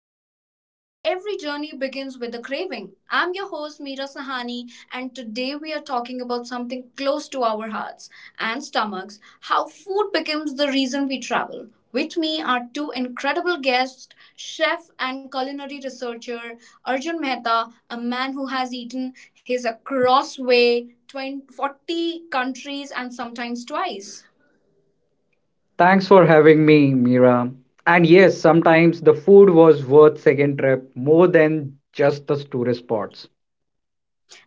the show where every journey begins with a craving. I'm your host, Meera Sahani, and today we are talking about something close to our hearts and stomachs: how food becomes the reason we travel. With me are two incredible guests, chef and culinary researcher Arjun Mehta, a man who has eaten his across way 2040 countries and sometimes twice. Thanks for having me, Mira. And yes, sometimes the food was worth second trip more than just the tourist spots.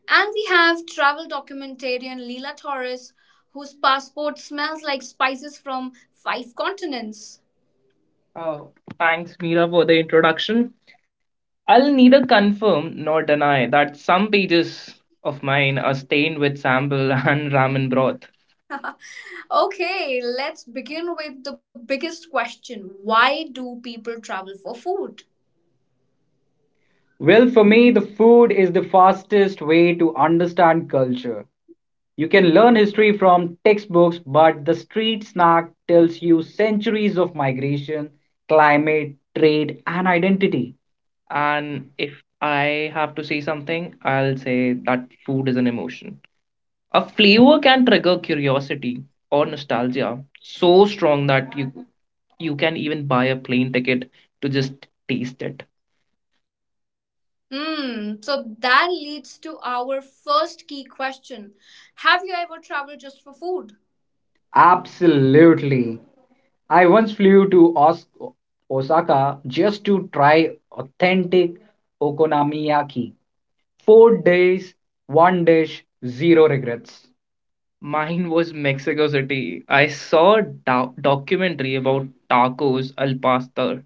And we have travel documentarian Leela Torres, whose passport smells like spices from five continents. Oh, thanks, Mira, for the introduction. I'll neither confirm nor deny that some pages of mine are stained with sambal and ramen broth. Okay, let's begin with the biggest question: why do people travel for food? Well, for me, the food is the fastest way to understand culture. You can learn history from textbooks, but the street snack tells you centuries of migration, climate, trade, and identity. And if I have to say something, I'll say that food is an emotion. A flavor can trigger curiosity or nostalgia so strong that you can even buy a plane ticket to just taste it. Hmm, so that leads to our first key question: have you ever traveled just for food? Absolutely. I once flew to Osaka just to try authentic okonomiyaki. 4 days, one dish, zero regrets. Mine was Mexico City. I saw a documentary about tacos al pastor,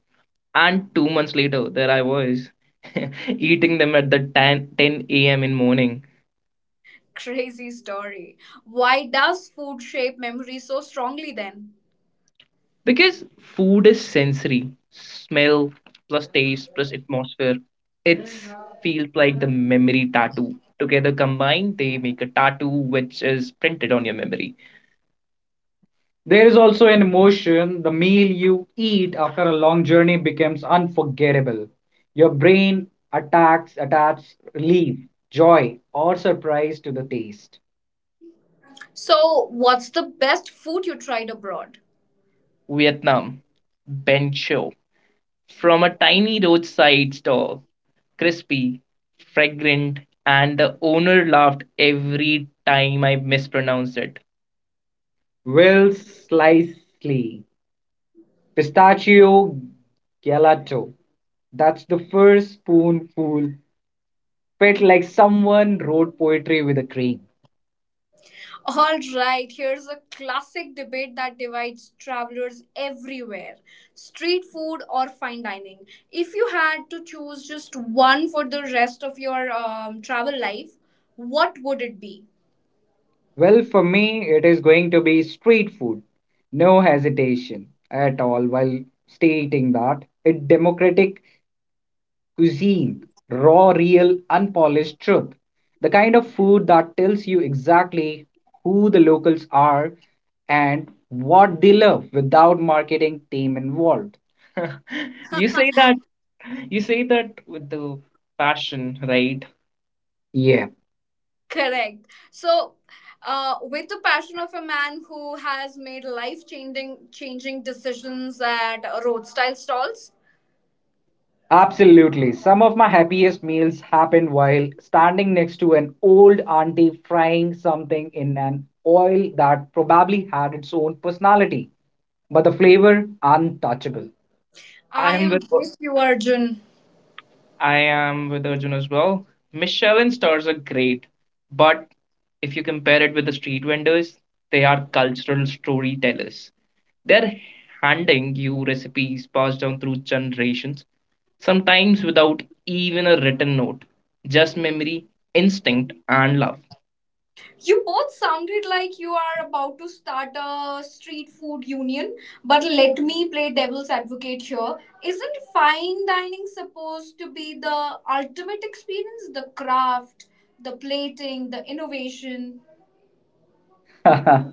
and 2 months later, there I was eating them at the ten a.m. in morning. Crazy story. Why does food shape memory so strongly then? Because food is sensory, smell plus taste plus atmosphere. It's feels like the memory tattoo together combined, they make a tattoo which is printed on your memory. There is also an emotion, the meal you eat after a long journey becomes unforgettable. Your brain attached relief, joy, or surprise to the taste. So, what's the best food you tried abroad? Vietnam, ben cho from a tiny roadside stall, crispy, fragrant, and the owner laughed every time I mispronounced it. Will Slicely. Pistachio Gelato. That's the first spoonful. Felt like someone wrote poetry with a cream. All right, here's a classic debate that divides travelers everywhere: street food or fine dining. If you had to choose just one for the rest of your travel life, what would it be? Well, for me, it is going to be street food. No hesitation at all while stating that. It's democratic, cuisine, raw, real, unpolished truth. The kind of food that tells you exactly who the locals are and what they love without marketing team involved. you say that you say that with the passion, right? Yeah, Correct. So, with the passion of a man who has made life changing decisions at road style stalls, absolutely. Some of my happiest meals happened while standing next to an old auntie frying something in an oil that probably had its own personality. But the flavor untouchable. I I am am with with you, Arjun. I am with Arjun as well. Michelin stars are great, but if you compare it with the street vendors, they are cultural storytellers. They're handing you recipes passed down through generations, sometimes without even a written note, just memory, instinct, and love. You both sounded like you are about to start a street food union, but let me play devil's advocate here. Isn't fine dining supposed to be the ultimate experience? The craft, the plating, the innovation? I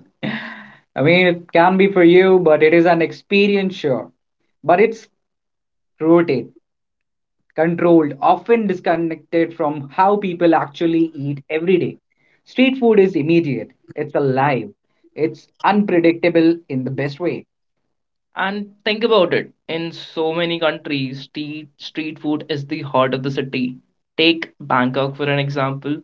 mean, it can be for you, but it is an experience, sure. But it's rooted, controlled, often disconnected from how people actually eat every day. Street food is immediate, it's alive, it's unpredictable in the best way. And think about it. In so many countries, street food is the heart of the city. Take Bangkok for an example.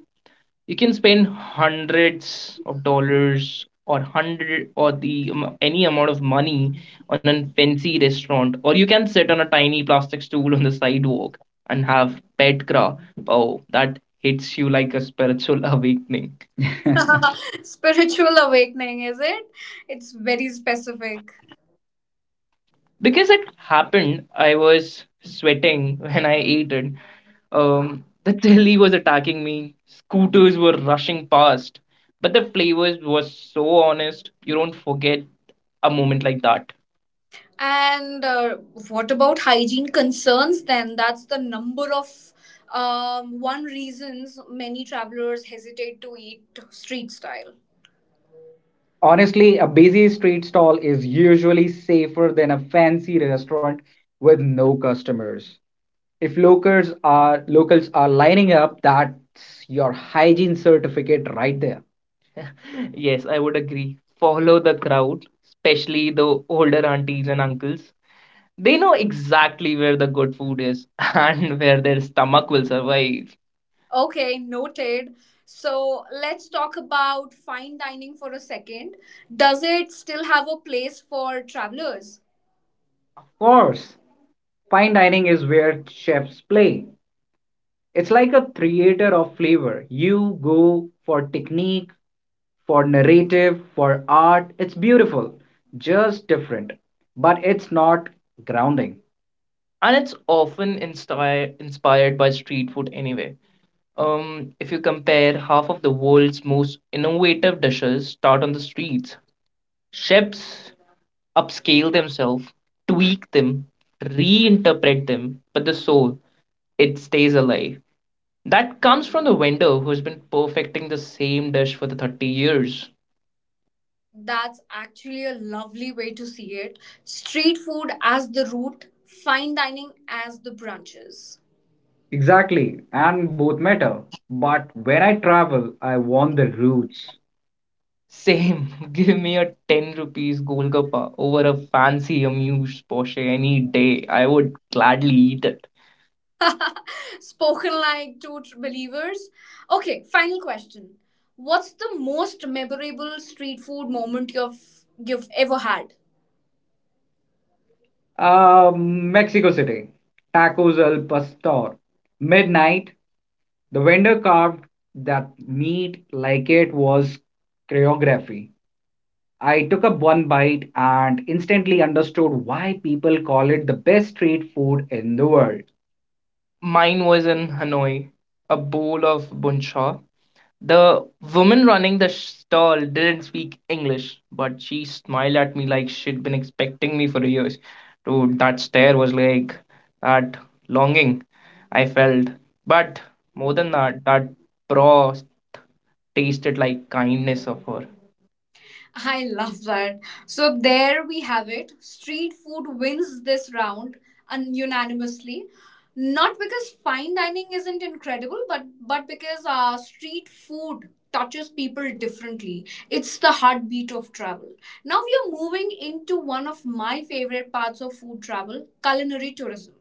You can spend hundreds of dollars or hundred or the any amount of money on a fancy restaurant, or you can sit on a tiny plastic stool on the sidewalk and have pet kra, oh, that hits you like a spiritual awakening. Spiritual awakening, is it? It's very specific. Because it happened, I was sweating when I ate it. The telly was attacking me, scooters were rushing past, but the flavors was so honest. You don't forget a moment like that. And what about hygiene concerns then? That's the number of one reasons many travelers hesitate to eat street style. Honestly, a busy street stall is usually safer than a fancy restaurant with no customers. If locals are lining up, that's your hygiene certificate right there. Yes, I would agree. Follow the crowd, especially the older aunties and uncles. They know exactly where the good food is and where their stomach will survive. Okay, noted. So let's talk about fine dining for a second. Does it still have a place for travelers? Of course, fine dining is where chefs play. It's like a creator of flavor. You go for technique, for narrative, for art. It's beautiful, just different. But it's not grounding, and it's often inspired by street food anyway. Um, if you compare, half of the world's most innovative dishes start on the streets. Chefs upscale themselves, tweak them, reinterpret them, but the soul it stays alive. That comes from the vendor who's been perfecting the same dish for the 30 years. That's actually a lovely way to see it. Street food as the route, fine dining as the branches. Exactly, and both matter. But when I travel, I want the roots. Same, give me a 10 rupees Golgappa over a fancy amuse Porsche any day. I would gladly eat it. Spoken like two believers. Okay, final question. What's the most memorable street food moment you've ever had? Mexico City, Tacos al Pastor. Midnight, the vendor carved that meat like it was choreography. I took up one bite and instantly understood why people call it the best street food in the world. Mine was in Hanoi, a bowl of buncha. The woman running the stall didn't speak English, but she smiled at me like she'd been expecting me for years. Dude, that stare was like that longing I felt. But more than that, that broth tasted like kindness of her. I love that. So there we have it. Street food wins this round unanimously. Not because fine dining isn't incredible, but because street food touches people differently. It's the heartbeat of travel. Now we are moving into one of my favorite parts of food travel, culinary tourism.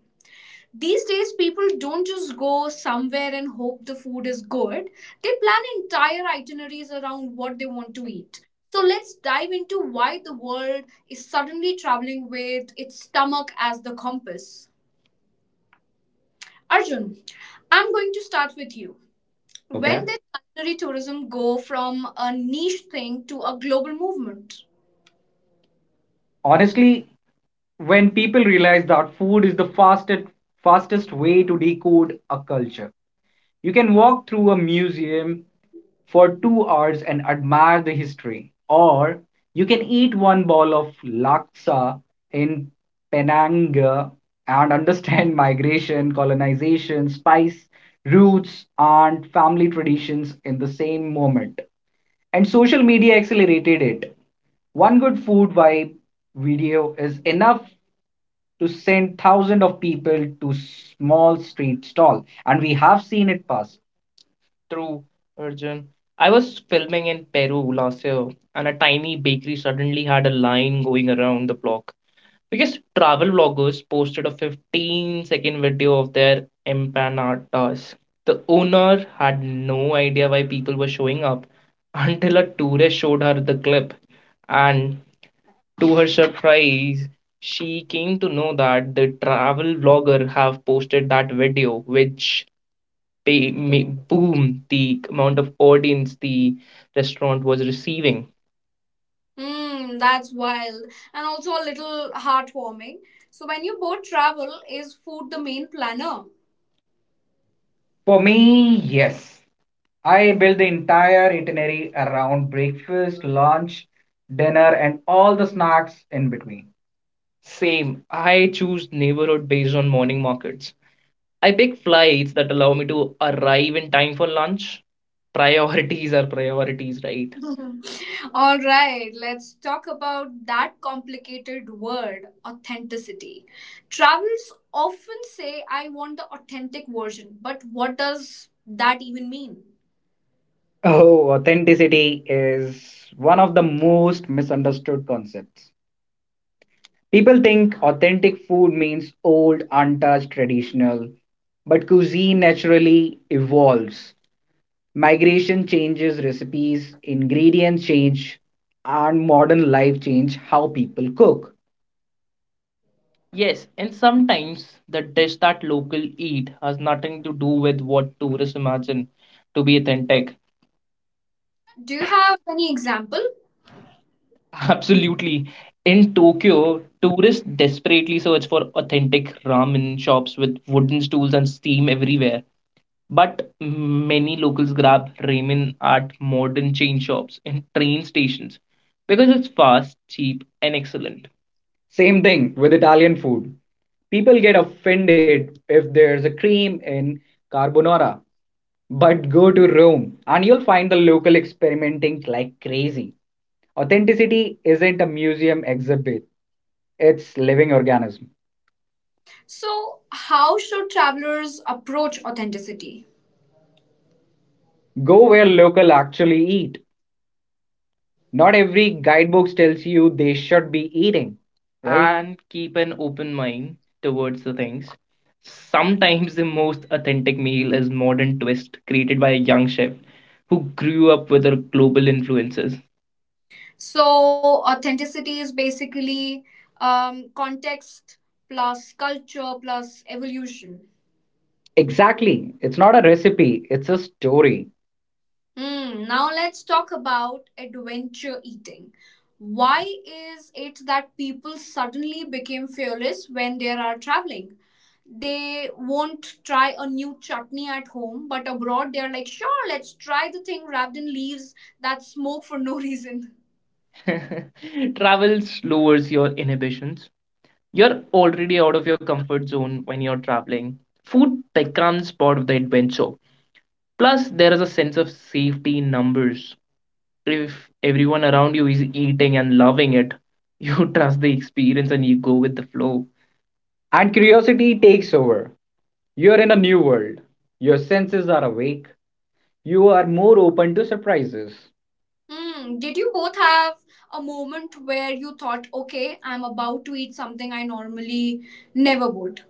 These days, people don't just go somewhere and hope the food is good. They plan entire itineraries around what they want to eat. So let's dive into why the world is suddenly traveling with its stomach as the compass. Arjun, I'm going to start with you. When Okay. did culinary tourism go from a niche thing to a global movement? Honestly, when people realize that food is the fastest way to decode a culture, you can walk through a museum for 2 hours and admire the history, or you can eat one bowl of laksa in Penang and understand migration, colonization, spice roots, and family traditions in the same moment. And social media accelerated it. One good food vibe video is enough to send thousands of people to small street stall, and we have seen it pass. True, Arjun. I was filming in Peru last year, and a tiny bakery suddenly had a line going around the block. Because travel vloggers posted a 15-second video of their empanadas. The owner had no idea why people were showing up until a tourist showed her the clip. And to her surprise, she came to know that the travel vlogger have posted that video, which may, boom, the amount of audience the restaurant was receiving. Hmm, that's wild and also a little heartwarming. So, when you both travel, is food the main planner? For me, yes. I built the entire itinerary around breakfast, lunch, dinner, and all the snacks in between. Same. I choose neighborhood based on morning markets. I pick flights that allow me to arrive in time for lunch. Priorities are priorities, right? All right, let's talk about that complicated word, authenticity. Travels often say, I want the authentic version, but what does that even mean? Oh, authenticity is one of the most misunderstood concepts. People think authentic food means old, untouched, traditional, but cuisine naturally evolves. Migration changes recipes, ingredients change, and modern life change how people cook. Yes, and sometimes the dish that local eat has nothing to do with what tourists imagine to be authentic. Do you have any example? Absolutely. In Tokyo, tourists desperately search for authentic ramen shops with wooden stools and steam everywhere. But many locals grab ramen at modern chain shops and train stations because it's fast, cheap, and excellent. Same thing with Italian food. People get offended if there's a cream in carbonara. But go to Rome and you'll find the local experimenting like crazy. Authenticity isn't a museum exhibit, it's living organism. So, how should travelers approach authenticity? Go where local actually eat. Not every guidebook tells you they should be eating, right? And keep an open mind towards the things. Sometimes the most authentic meal is modern twist created by a young chef who grew up with our global influences. So authenticity is basically context plus culture plus evolution. Exactly. It's not a recipe, it's a story. Hmm. Now let's talk about adventure eating. Why is it that people suddenly became fearless when they are traveling? They won't try a new chutney at home, but abroad they're like, sure, let's try the thing wrapped in leaves that smoke for no reason. Travel lowers your inhibitions. You're already out of your comfort zone when you're traveling. Food becomes part of the adventure. Plus, there is a sense of safety in numbers. If everyone around you is eating and loving it, you trust the experience and you go with the flow. And curiosity takes over. You are in a new world. Your senses are awake. You are more open to surprises. Hmm. Did you both have a moment where you thought, okay, I'm about to eat something I normally never would?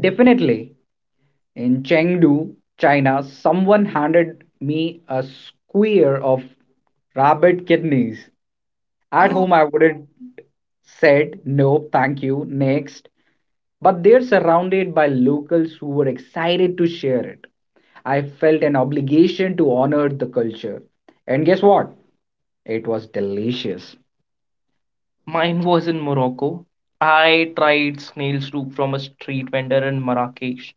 Definitely. In Chengdu, China, someone handed me a square of rabbit kidneys. At Oh. home, I wouldn't said no, thank you, next. But they're surrounded by locals who were excited to share it. I felt an obligation to honor the culture. And guess what? It was delicious. Mine was in Morocco. I tried snail soup from a street vendor in Marrakesh.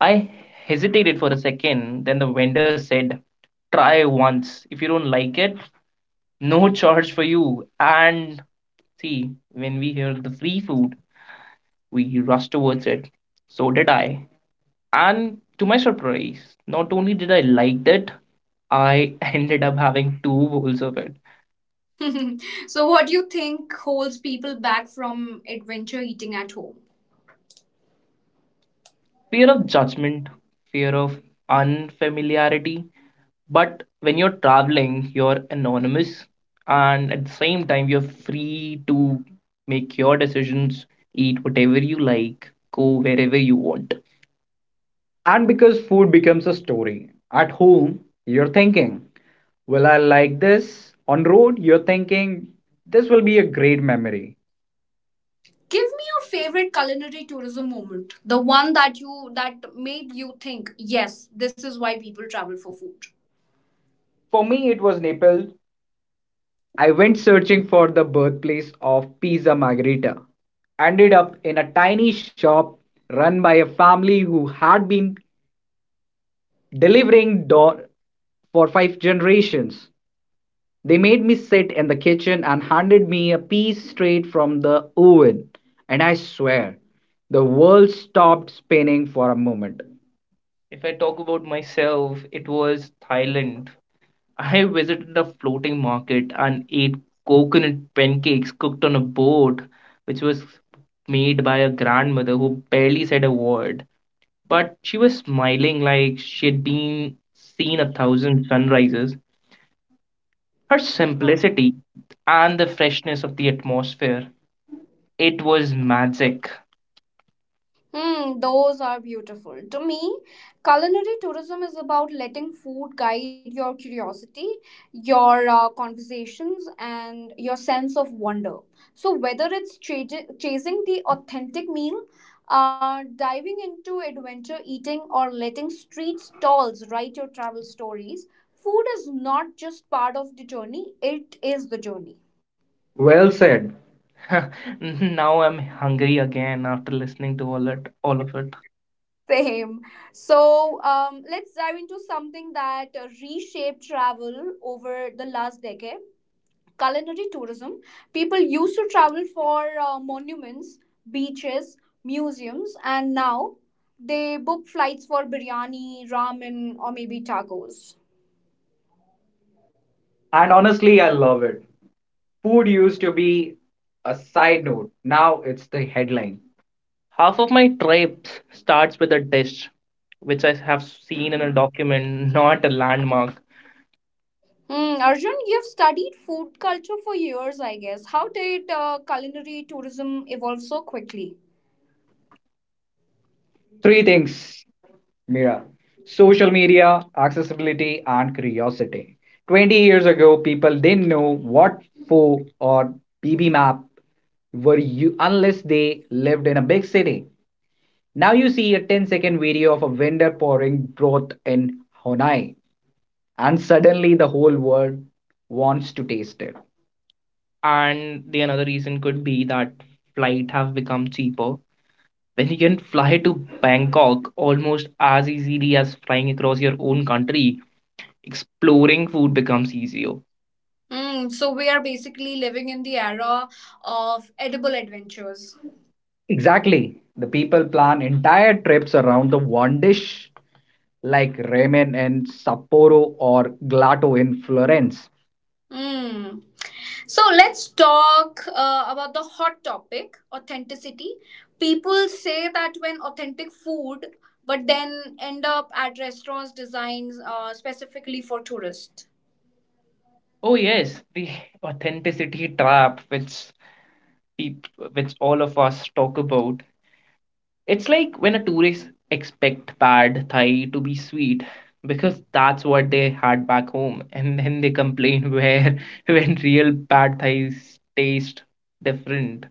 I hesitated for a second, then the vendor said, "Try once. If you don't like it, no charge for you." And see, when we hear the free food, we rush towards it. So did I. And to my surprise, not only did I like it, I ended up having two bowls of it. So, what do you think holds people back from adventure eating at home? Fear of judgment, fear of unfamiliarity. But when you're traveling, you're anonymous. And at the same time, you're free to make your decisions, eat whatever you like, go wherever you want. And because food becomes a story, at home, you're thinking, "Will I like this?" On road, you're thinking, "This will be a great memory." Give me your favorite culinary tourism moment, the one that you that made you think, yes, this is why people travel for food. For me, it was Naples. I went searching for the birthplace of Pizza Margherita. Ended up in a tiny shop run by a family who had been delivering dough for five generations. They made me sit in the kitchen and handed me a piece straight from the oven. And I swear, the world stopped spinning for a moment. If I talk about myself, it was Thailand. I visited a floating market and ate coconut pancakes cooked on a boat, which was made by a grandmother who barely said a word. But she was smiling like she'd been seen a thousand sunrises. Her simplicity and the freshness of the atmosphere, it was magic. Hmm, those are beautiful. To me, culinary tourism is about letting food guide your curiosity, your conversations, and your sense of wonder. So, whether it's chasing the authentic meal, diving into adventure eating, or letting street stalls write your travel stories, food is not just part of the journey, it is the journey. Well said. Now I'm hungry again after listening to all of it. Same. So let's dive into something that reshaped travel over the last decade: culinary tourism. People used to travel for monuments, beaches, museums, and now they book flights for biryani, ramen, or maybe tacos. And honestly, I love it. Food used to be a side note, now it's the headline. Half of my trips starts with a dish, which I have seen in a document, not a landmark. Hmm, Arjun, you've studied food culture for years, I guess. How did culinary tourism evolve so quickly? Three things, Mira: social media, accessibility, and curiosity. 20 years ago, people didn't know what FO or BB map were you unless they lived in a big city. Now you see a 10 second video of a vendor pouring broth in Honai, and suddenly the whole world wants to taste it. And the another reason could be that flight have become cheaper. When you can fly to Bangkok almost as easily as flying across your own country, exploring food becomes easier. Mm, so we are basically living in the era of edible adventures. Exactly. The people plan entire trips around the one dish, like ramen in Sapporo or gelato in Florence. Mm. So let's talk about the hot topic: authenticity. People say that when authentic food, but then end up at restaurants designed specifically for tourists. Oh yes, the authenticity trap, peop which all of us talk about. It's like when a tourist expect pad thai to be sweet because that's what they had back home, and then they complain where when real pad thais taste different.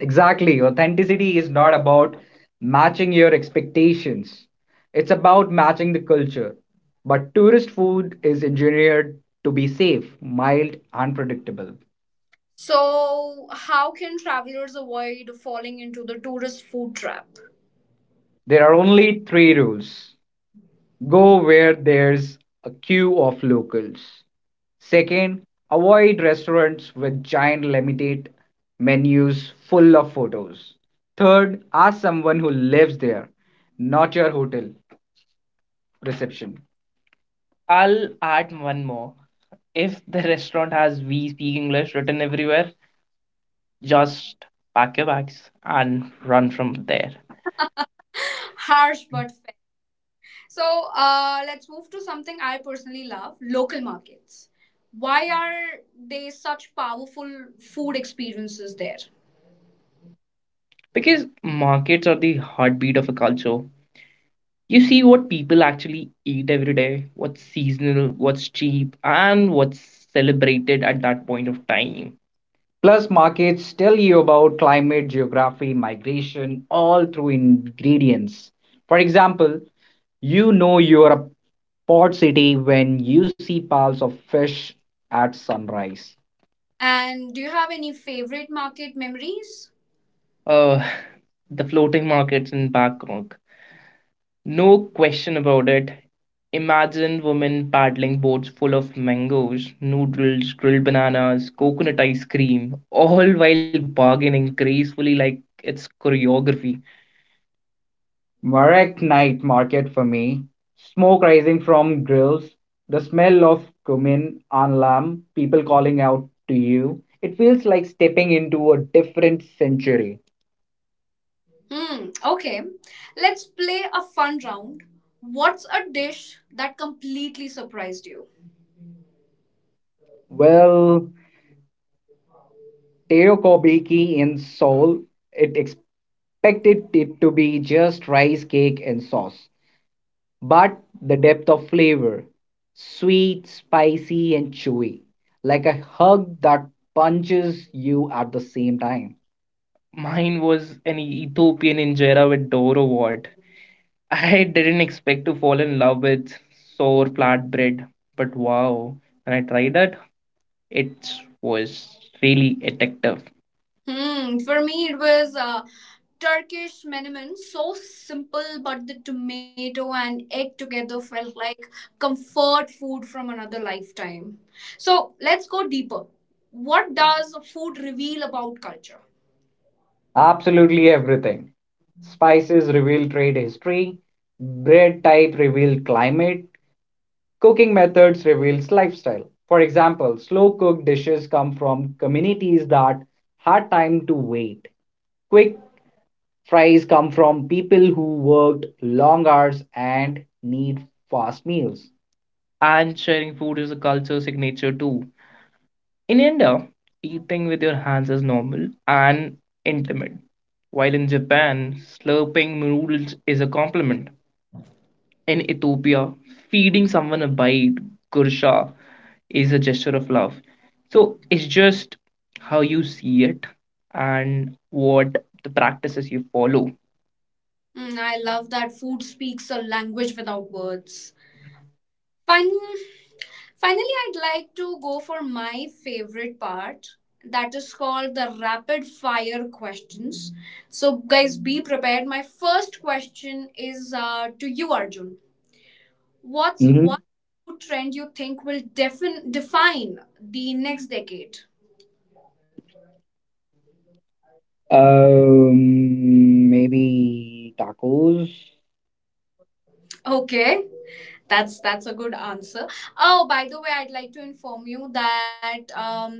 Exactly. Authenticity is not about matching your expectations, it's about matching the culture. But tourist food is engineered to be safe, mild, and predictable. So, how can travelers avoid falling into the tourist food trap? There are only three rules: Go where there's a queue of locals. Second, avoid restaurants with giant limited menus full of photos. Third, ask someone who lives there, not your hotel reception. I'll add one more. If the restaurant has "We speak English" written everywhere, just pack your bags and run from there. Harsh, but. So, let's move to something I personally love: local markets. Why are they such powerful food experiences there? Because markets are the heartbeat of a culture, you see what people actually eat every day, what's seasonal, what's cheap, and what's celebrated at that point of time. Plus, markets tell you about climate, geography, migration, all through ingredients. For example, you know you are a port city when you see piles of fish at sunrise. And do you have any favorite market memories? Uh, the floating markets in Bangkok, no question about it. Imagine women paddling boats full of mangoes, noodles, grilled bananas, coconut ice cream, all while bargaining gracefully like it's choreography. Marek night market for me. Smoke rising from grills, the smell of cumin and lamb, people calling out to you. It feels like stepping into a different century. Hmm, okay. Let's play a fun round. What's a dish that completely surprised you? Well, Teo Kobiki in Seoul, it expected it to be just rice cake and sauce. But the depth of flavor, sweet, spicy, and chewy, like a hug that punches you at the same time. Mine was an Ethiopian injera with Doro what. I didn't expect to fall in love with sour flatbread, but wow, when I tried that, it was really addictive. Hmm. For me, it was Turkish menemen. So simple, but the tomato and egg together felt like comfort food from another lifetime. So let's go deeper. What does food reveal about culture? Absolutely everything. Spices reveal trade history, bread type reveal climate, cooking methods reveals lifestyle. For example, slow cooked dishes come from communities that had time to wait. Quick fries come from people who worked long hours and need fast meals. And sharing food is a culture signature too. In India, eating with your hands is normal and intimate. While in Japan, slurping noodles is a compliment. In Ethiopia, feeding someone a bite, gursha, is a gesture of love. So it's just how you see it and what the practices you follow. Hmm, I love that food speaks a language without words. Fun. Finally, I'd like to go for my favorite part, that is called the rapid fire questions. So, guys, be prepared. My first question is to you, Arjun. What's hmm one trend you think will define the next decade? Maybe tacos. Okay, that's a good answer. Oh, by the way, I'd like to inform you that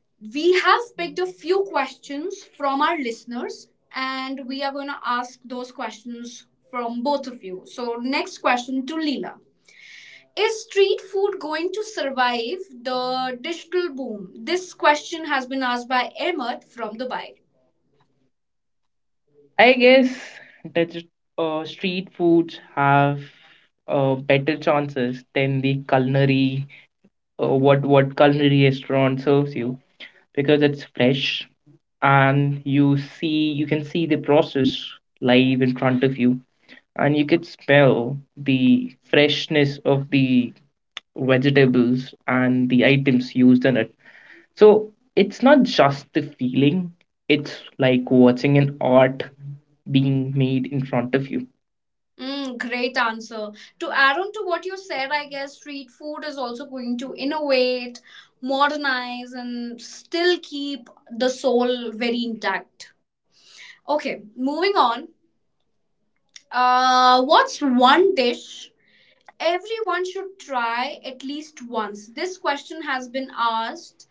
we have picked a few questions from our listeners and we are going to ask those questions from both of you. So, next question to Leela. Is street food going to survive the digital boom? This question has been asked by Ahmed from Dubai. I guess that street foods have better chances than the culinary what culinary restaurant serves you. Because it's fresh and you can see the process live in front of you, and you could smell the freshness of the vegetables and the items used in it. So it's not just the feeling, it's like watching an art being made in front of you. Mm, great answer. To add on to what you said, I guess street food is also going to innovate, modernize, and still keep the soul very intact. Okay, moving on. What's one dish everyone should try at least once? This question has been asked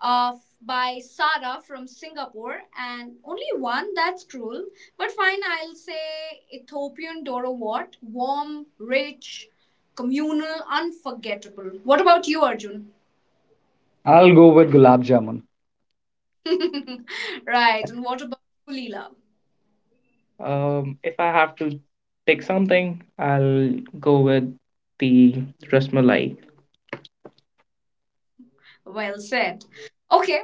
uh, by Sarah from Singapore, and only one, that's cruel. But fine, I'll say Ethiopian dodo Wat, warm, rich, communal, unforgettable. What about you, Arjun? I'll go with gulab jamun. Right, and what about you, Leela? If I have to pick something, I'll go with the rasmalai. Well said. Okay,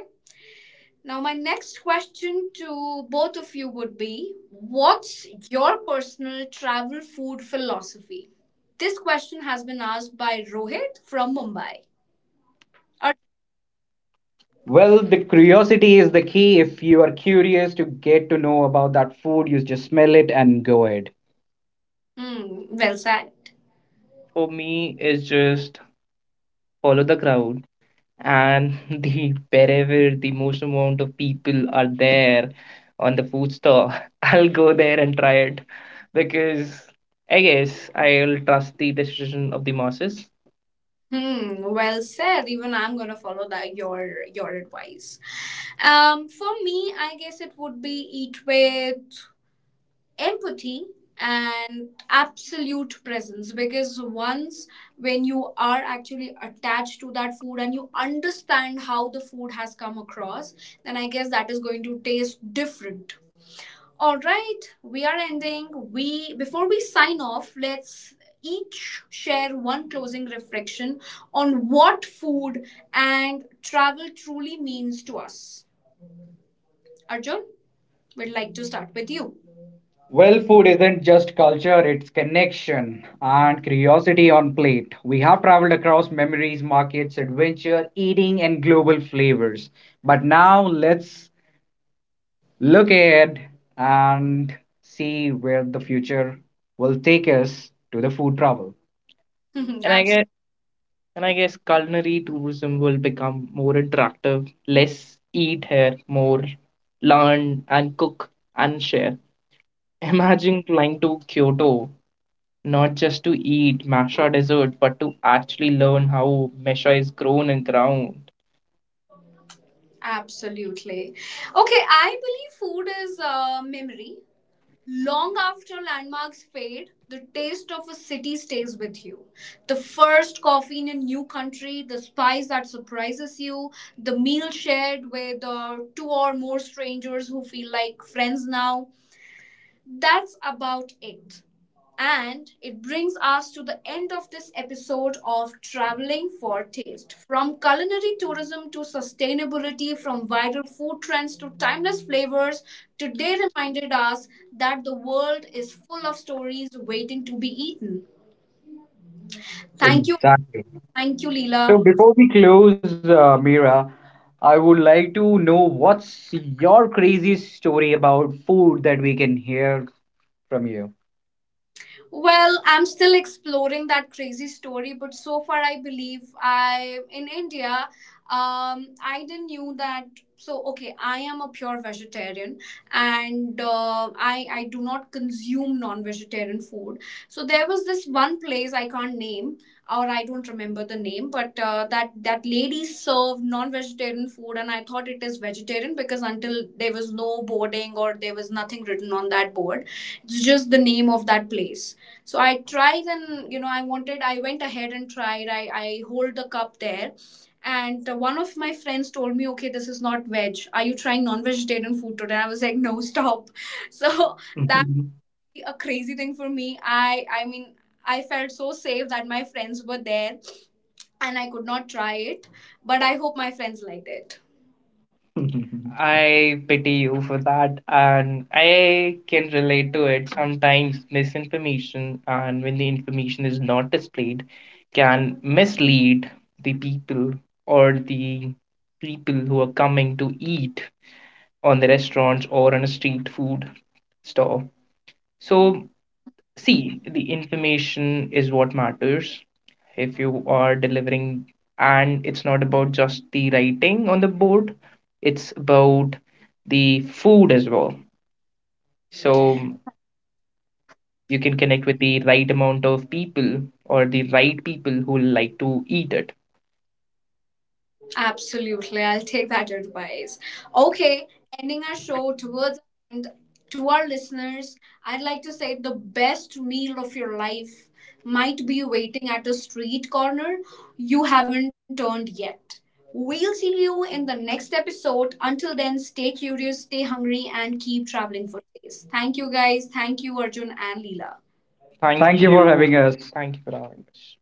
now, my next question to both of you would be: what's your personal travel food philosophy? This question has been asked by Rohit from Mumbai. Or, Well, the curiosity is the key. If you are curious to get to know about that food, you just smell it and go ahead. hmm, well said. For me, it's just follow the crowd and the wherever the most amount of people are there on the food store, I'll go there and try it, because I guess I'll trust the decision of the masses. Hmm, well said. Even I'm gonna follow that, your advice. For me, I guess it would be eat with empathy and absolute presence, because once when you are actually attached to that food and you understand how the food has come across, then I guess that is going to taste different. All right, we are ending, we before we sign off, let's each share one closing reflection on what food and travel truly means to us. Arjun, we'd like to start with you. Well, food isn't just culture, it's connection and curiosity on plate. We have traveled across memories, markets, adventure, eating, and global flavors. But now let's look ahead and see where the future will take us to the food travel. And I absolutely guess and I guess culinary tourism will become more interactive, less eat here, more learn and cook and share. Imagine flying to Kyoto not just to eat Masha dessert, but to actually learn how Mesha is grown and ground. Absolutely. Okay, I believe food is memory. Long after landmarks fade, the taste of a city stays with you. The first coffee in a new country, the spice that surprises you, the meal shared with two or more strangers who feel like friends now, that's about it. And it brings us to the end of this episode of Traveling for Taste. From culinary tourism to sustainability, from viral food trends to timeless flavors, today reminded us that the world is full of stories waiting to be eaten. Thank you. Exactly. Thank you, So Leela. before we close, Mira, I would like to know what's your craziest story about food that we can hear from you. Well, I'm still exploring that crazy story, but so far I believe I in India, I didn't knew that. So okay, I am a pure vegetarian, and I do not consume non-vegetarian food. So there was this one place I can't name, or I don't remember the name, but that lady served non-vegetarian food, and I thought it is vegetarian, because until there was no boarding or there was nothing written on that board, it's just the name of that place. So I tried, and I went ahead and tried. I hold the cup there, and one of my friends told me, okay, this is not veg, are you trying non-vegetarian food today? And I was like, no, stop. So that a crazy thing for me. I mean, I felt so safe that my friends were there and I could not try it, but I hope my friends liked it. I pity you for that, and I can relate to it. Sometimes misinformation, and when the information is not displayed, can mislead the people or the people who are coming to eat on the restaurants or on a street food store. So, see, the information is what matters. If you are delivering, and it's not about just the writing on the board, it's about the food as well, so you can connect with the right amount of people or the right people who like to eat it. Absolutely, I'll take that advice. Okay, ending our show towards and to our listeners, I'd like to say the best meal of your life might be waiting at a street corner you haven't turned yet. We'll see you in the next episode. Until then, stay curious, stay hungry, and keep traveling for taste. Thank you guys. Thank you, Arjun and Leela. Thank you for you having us. Thank you for having us.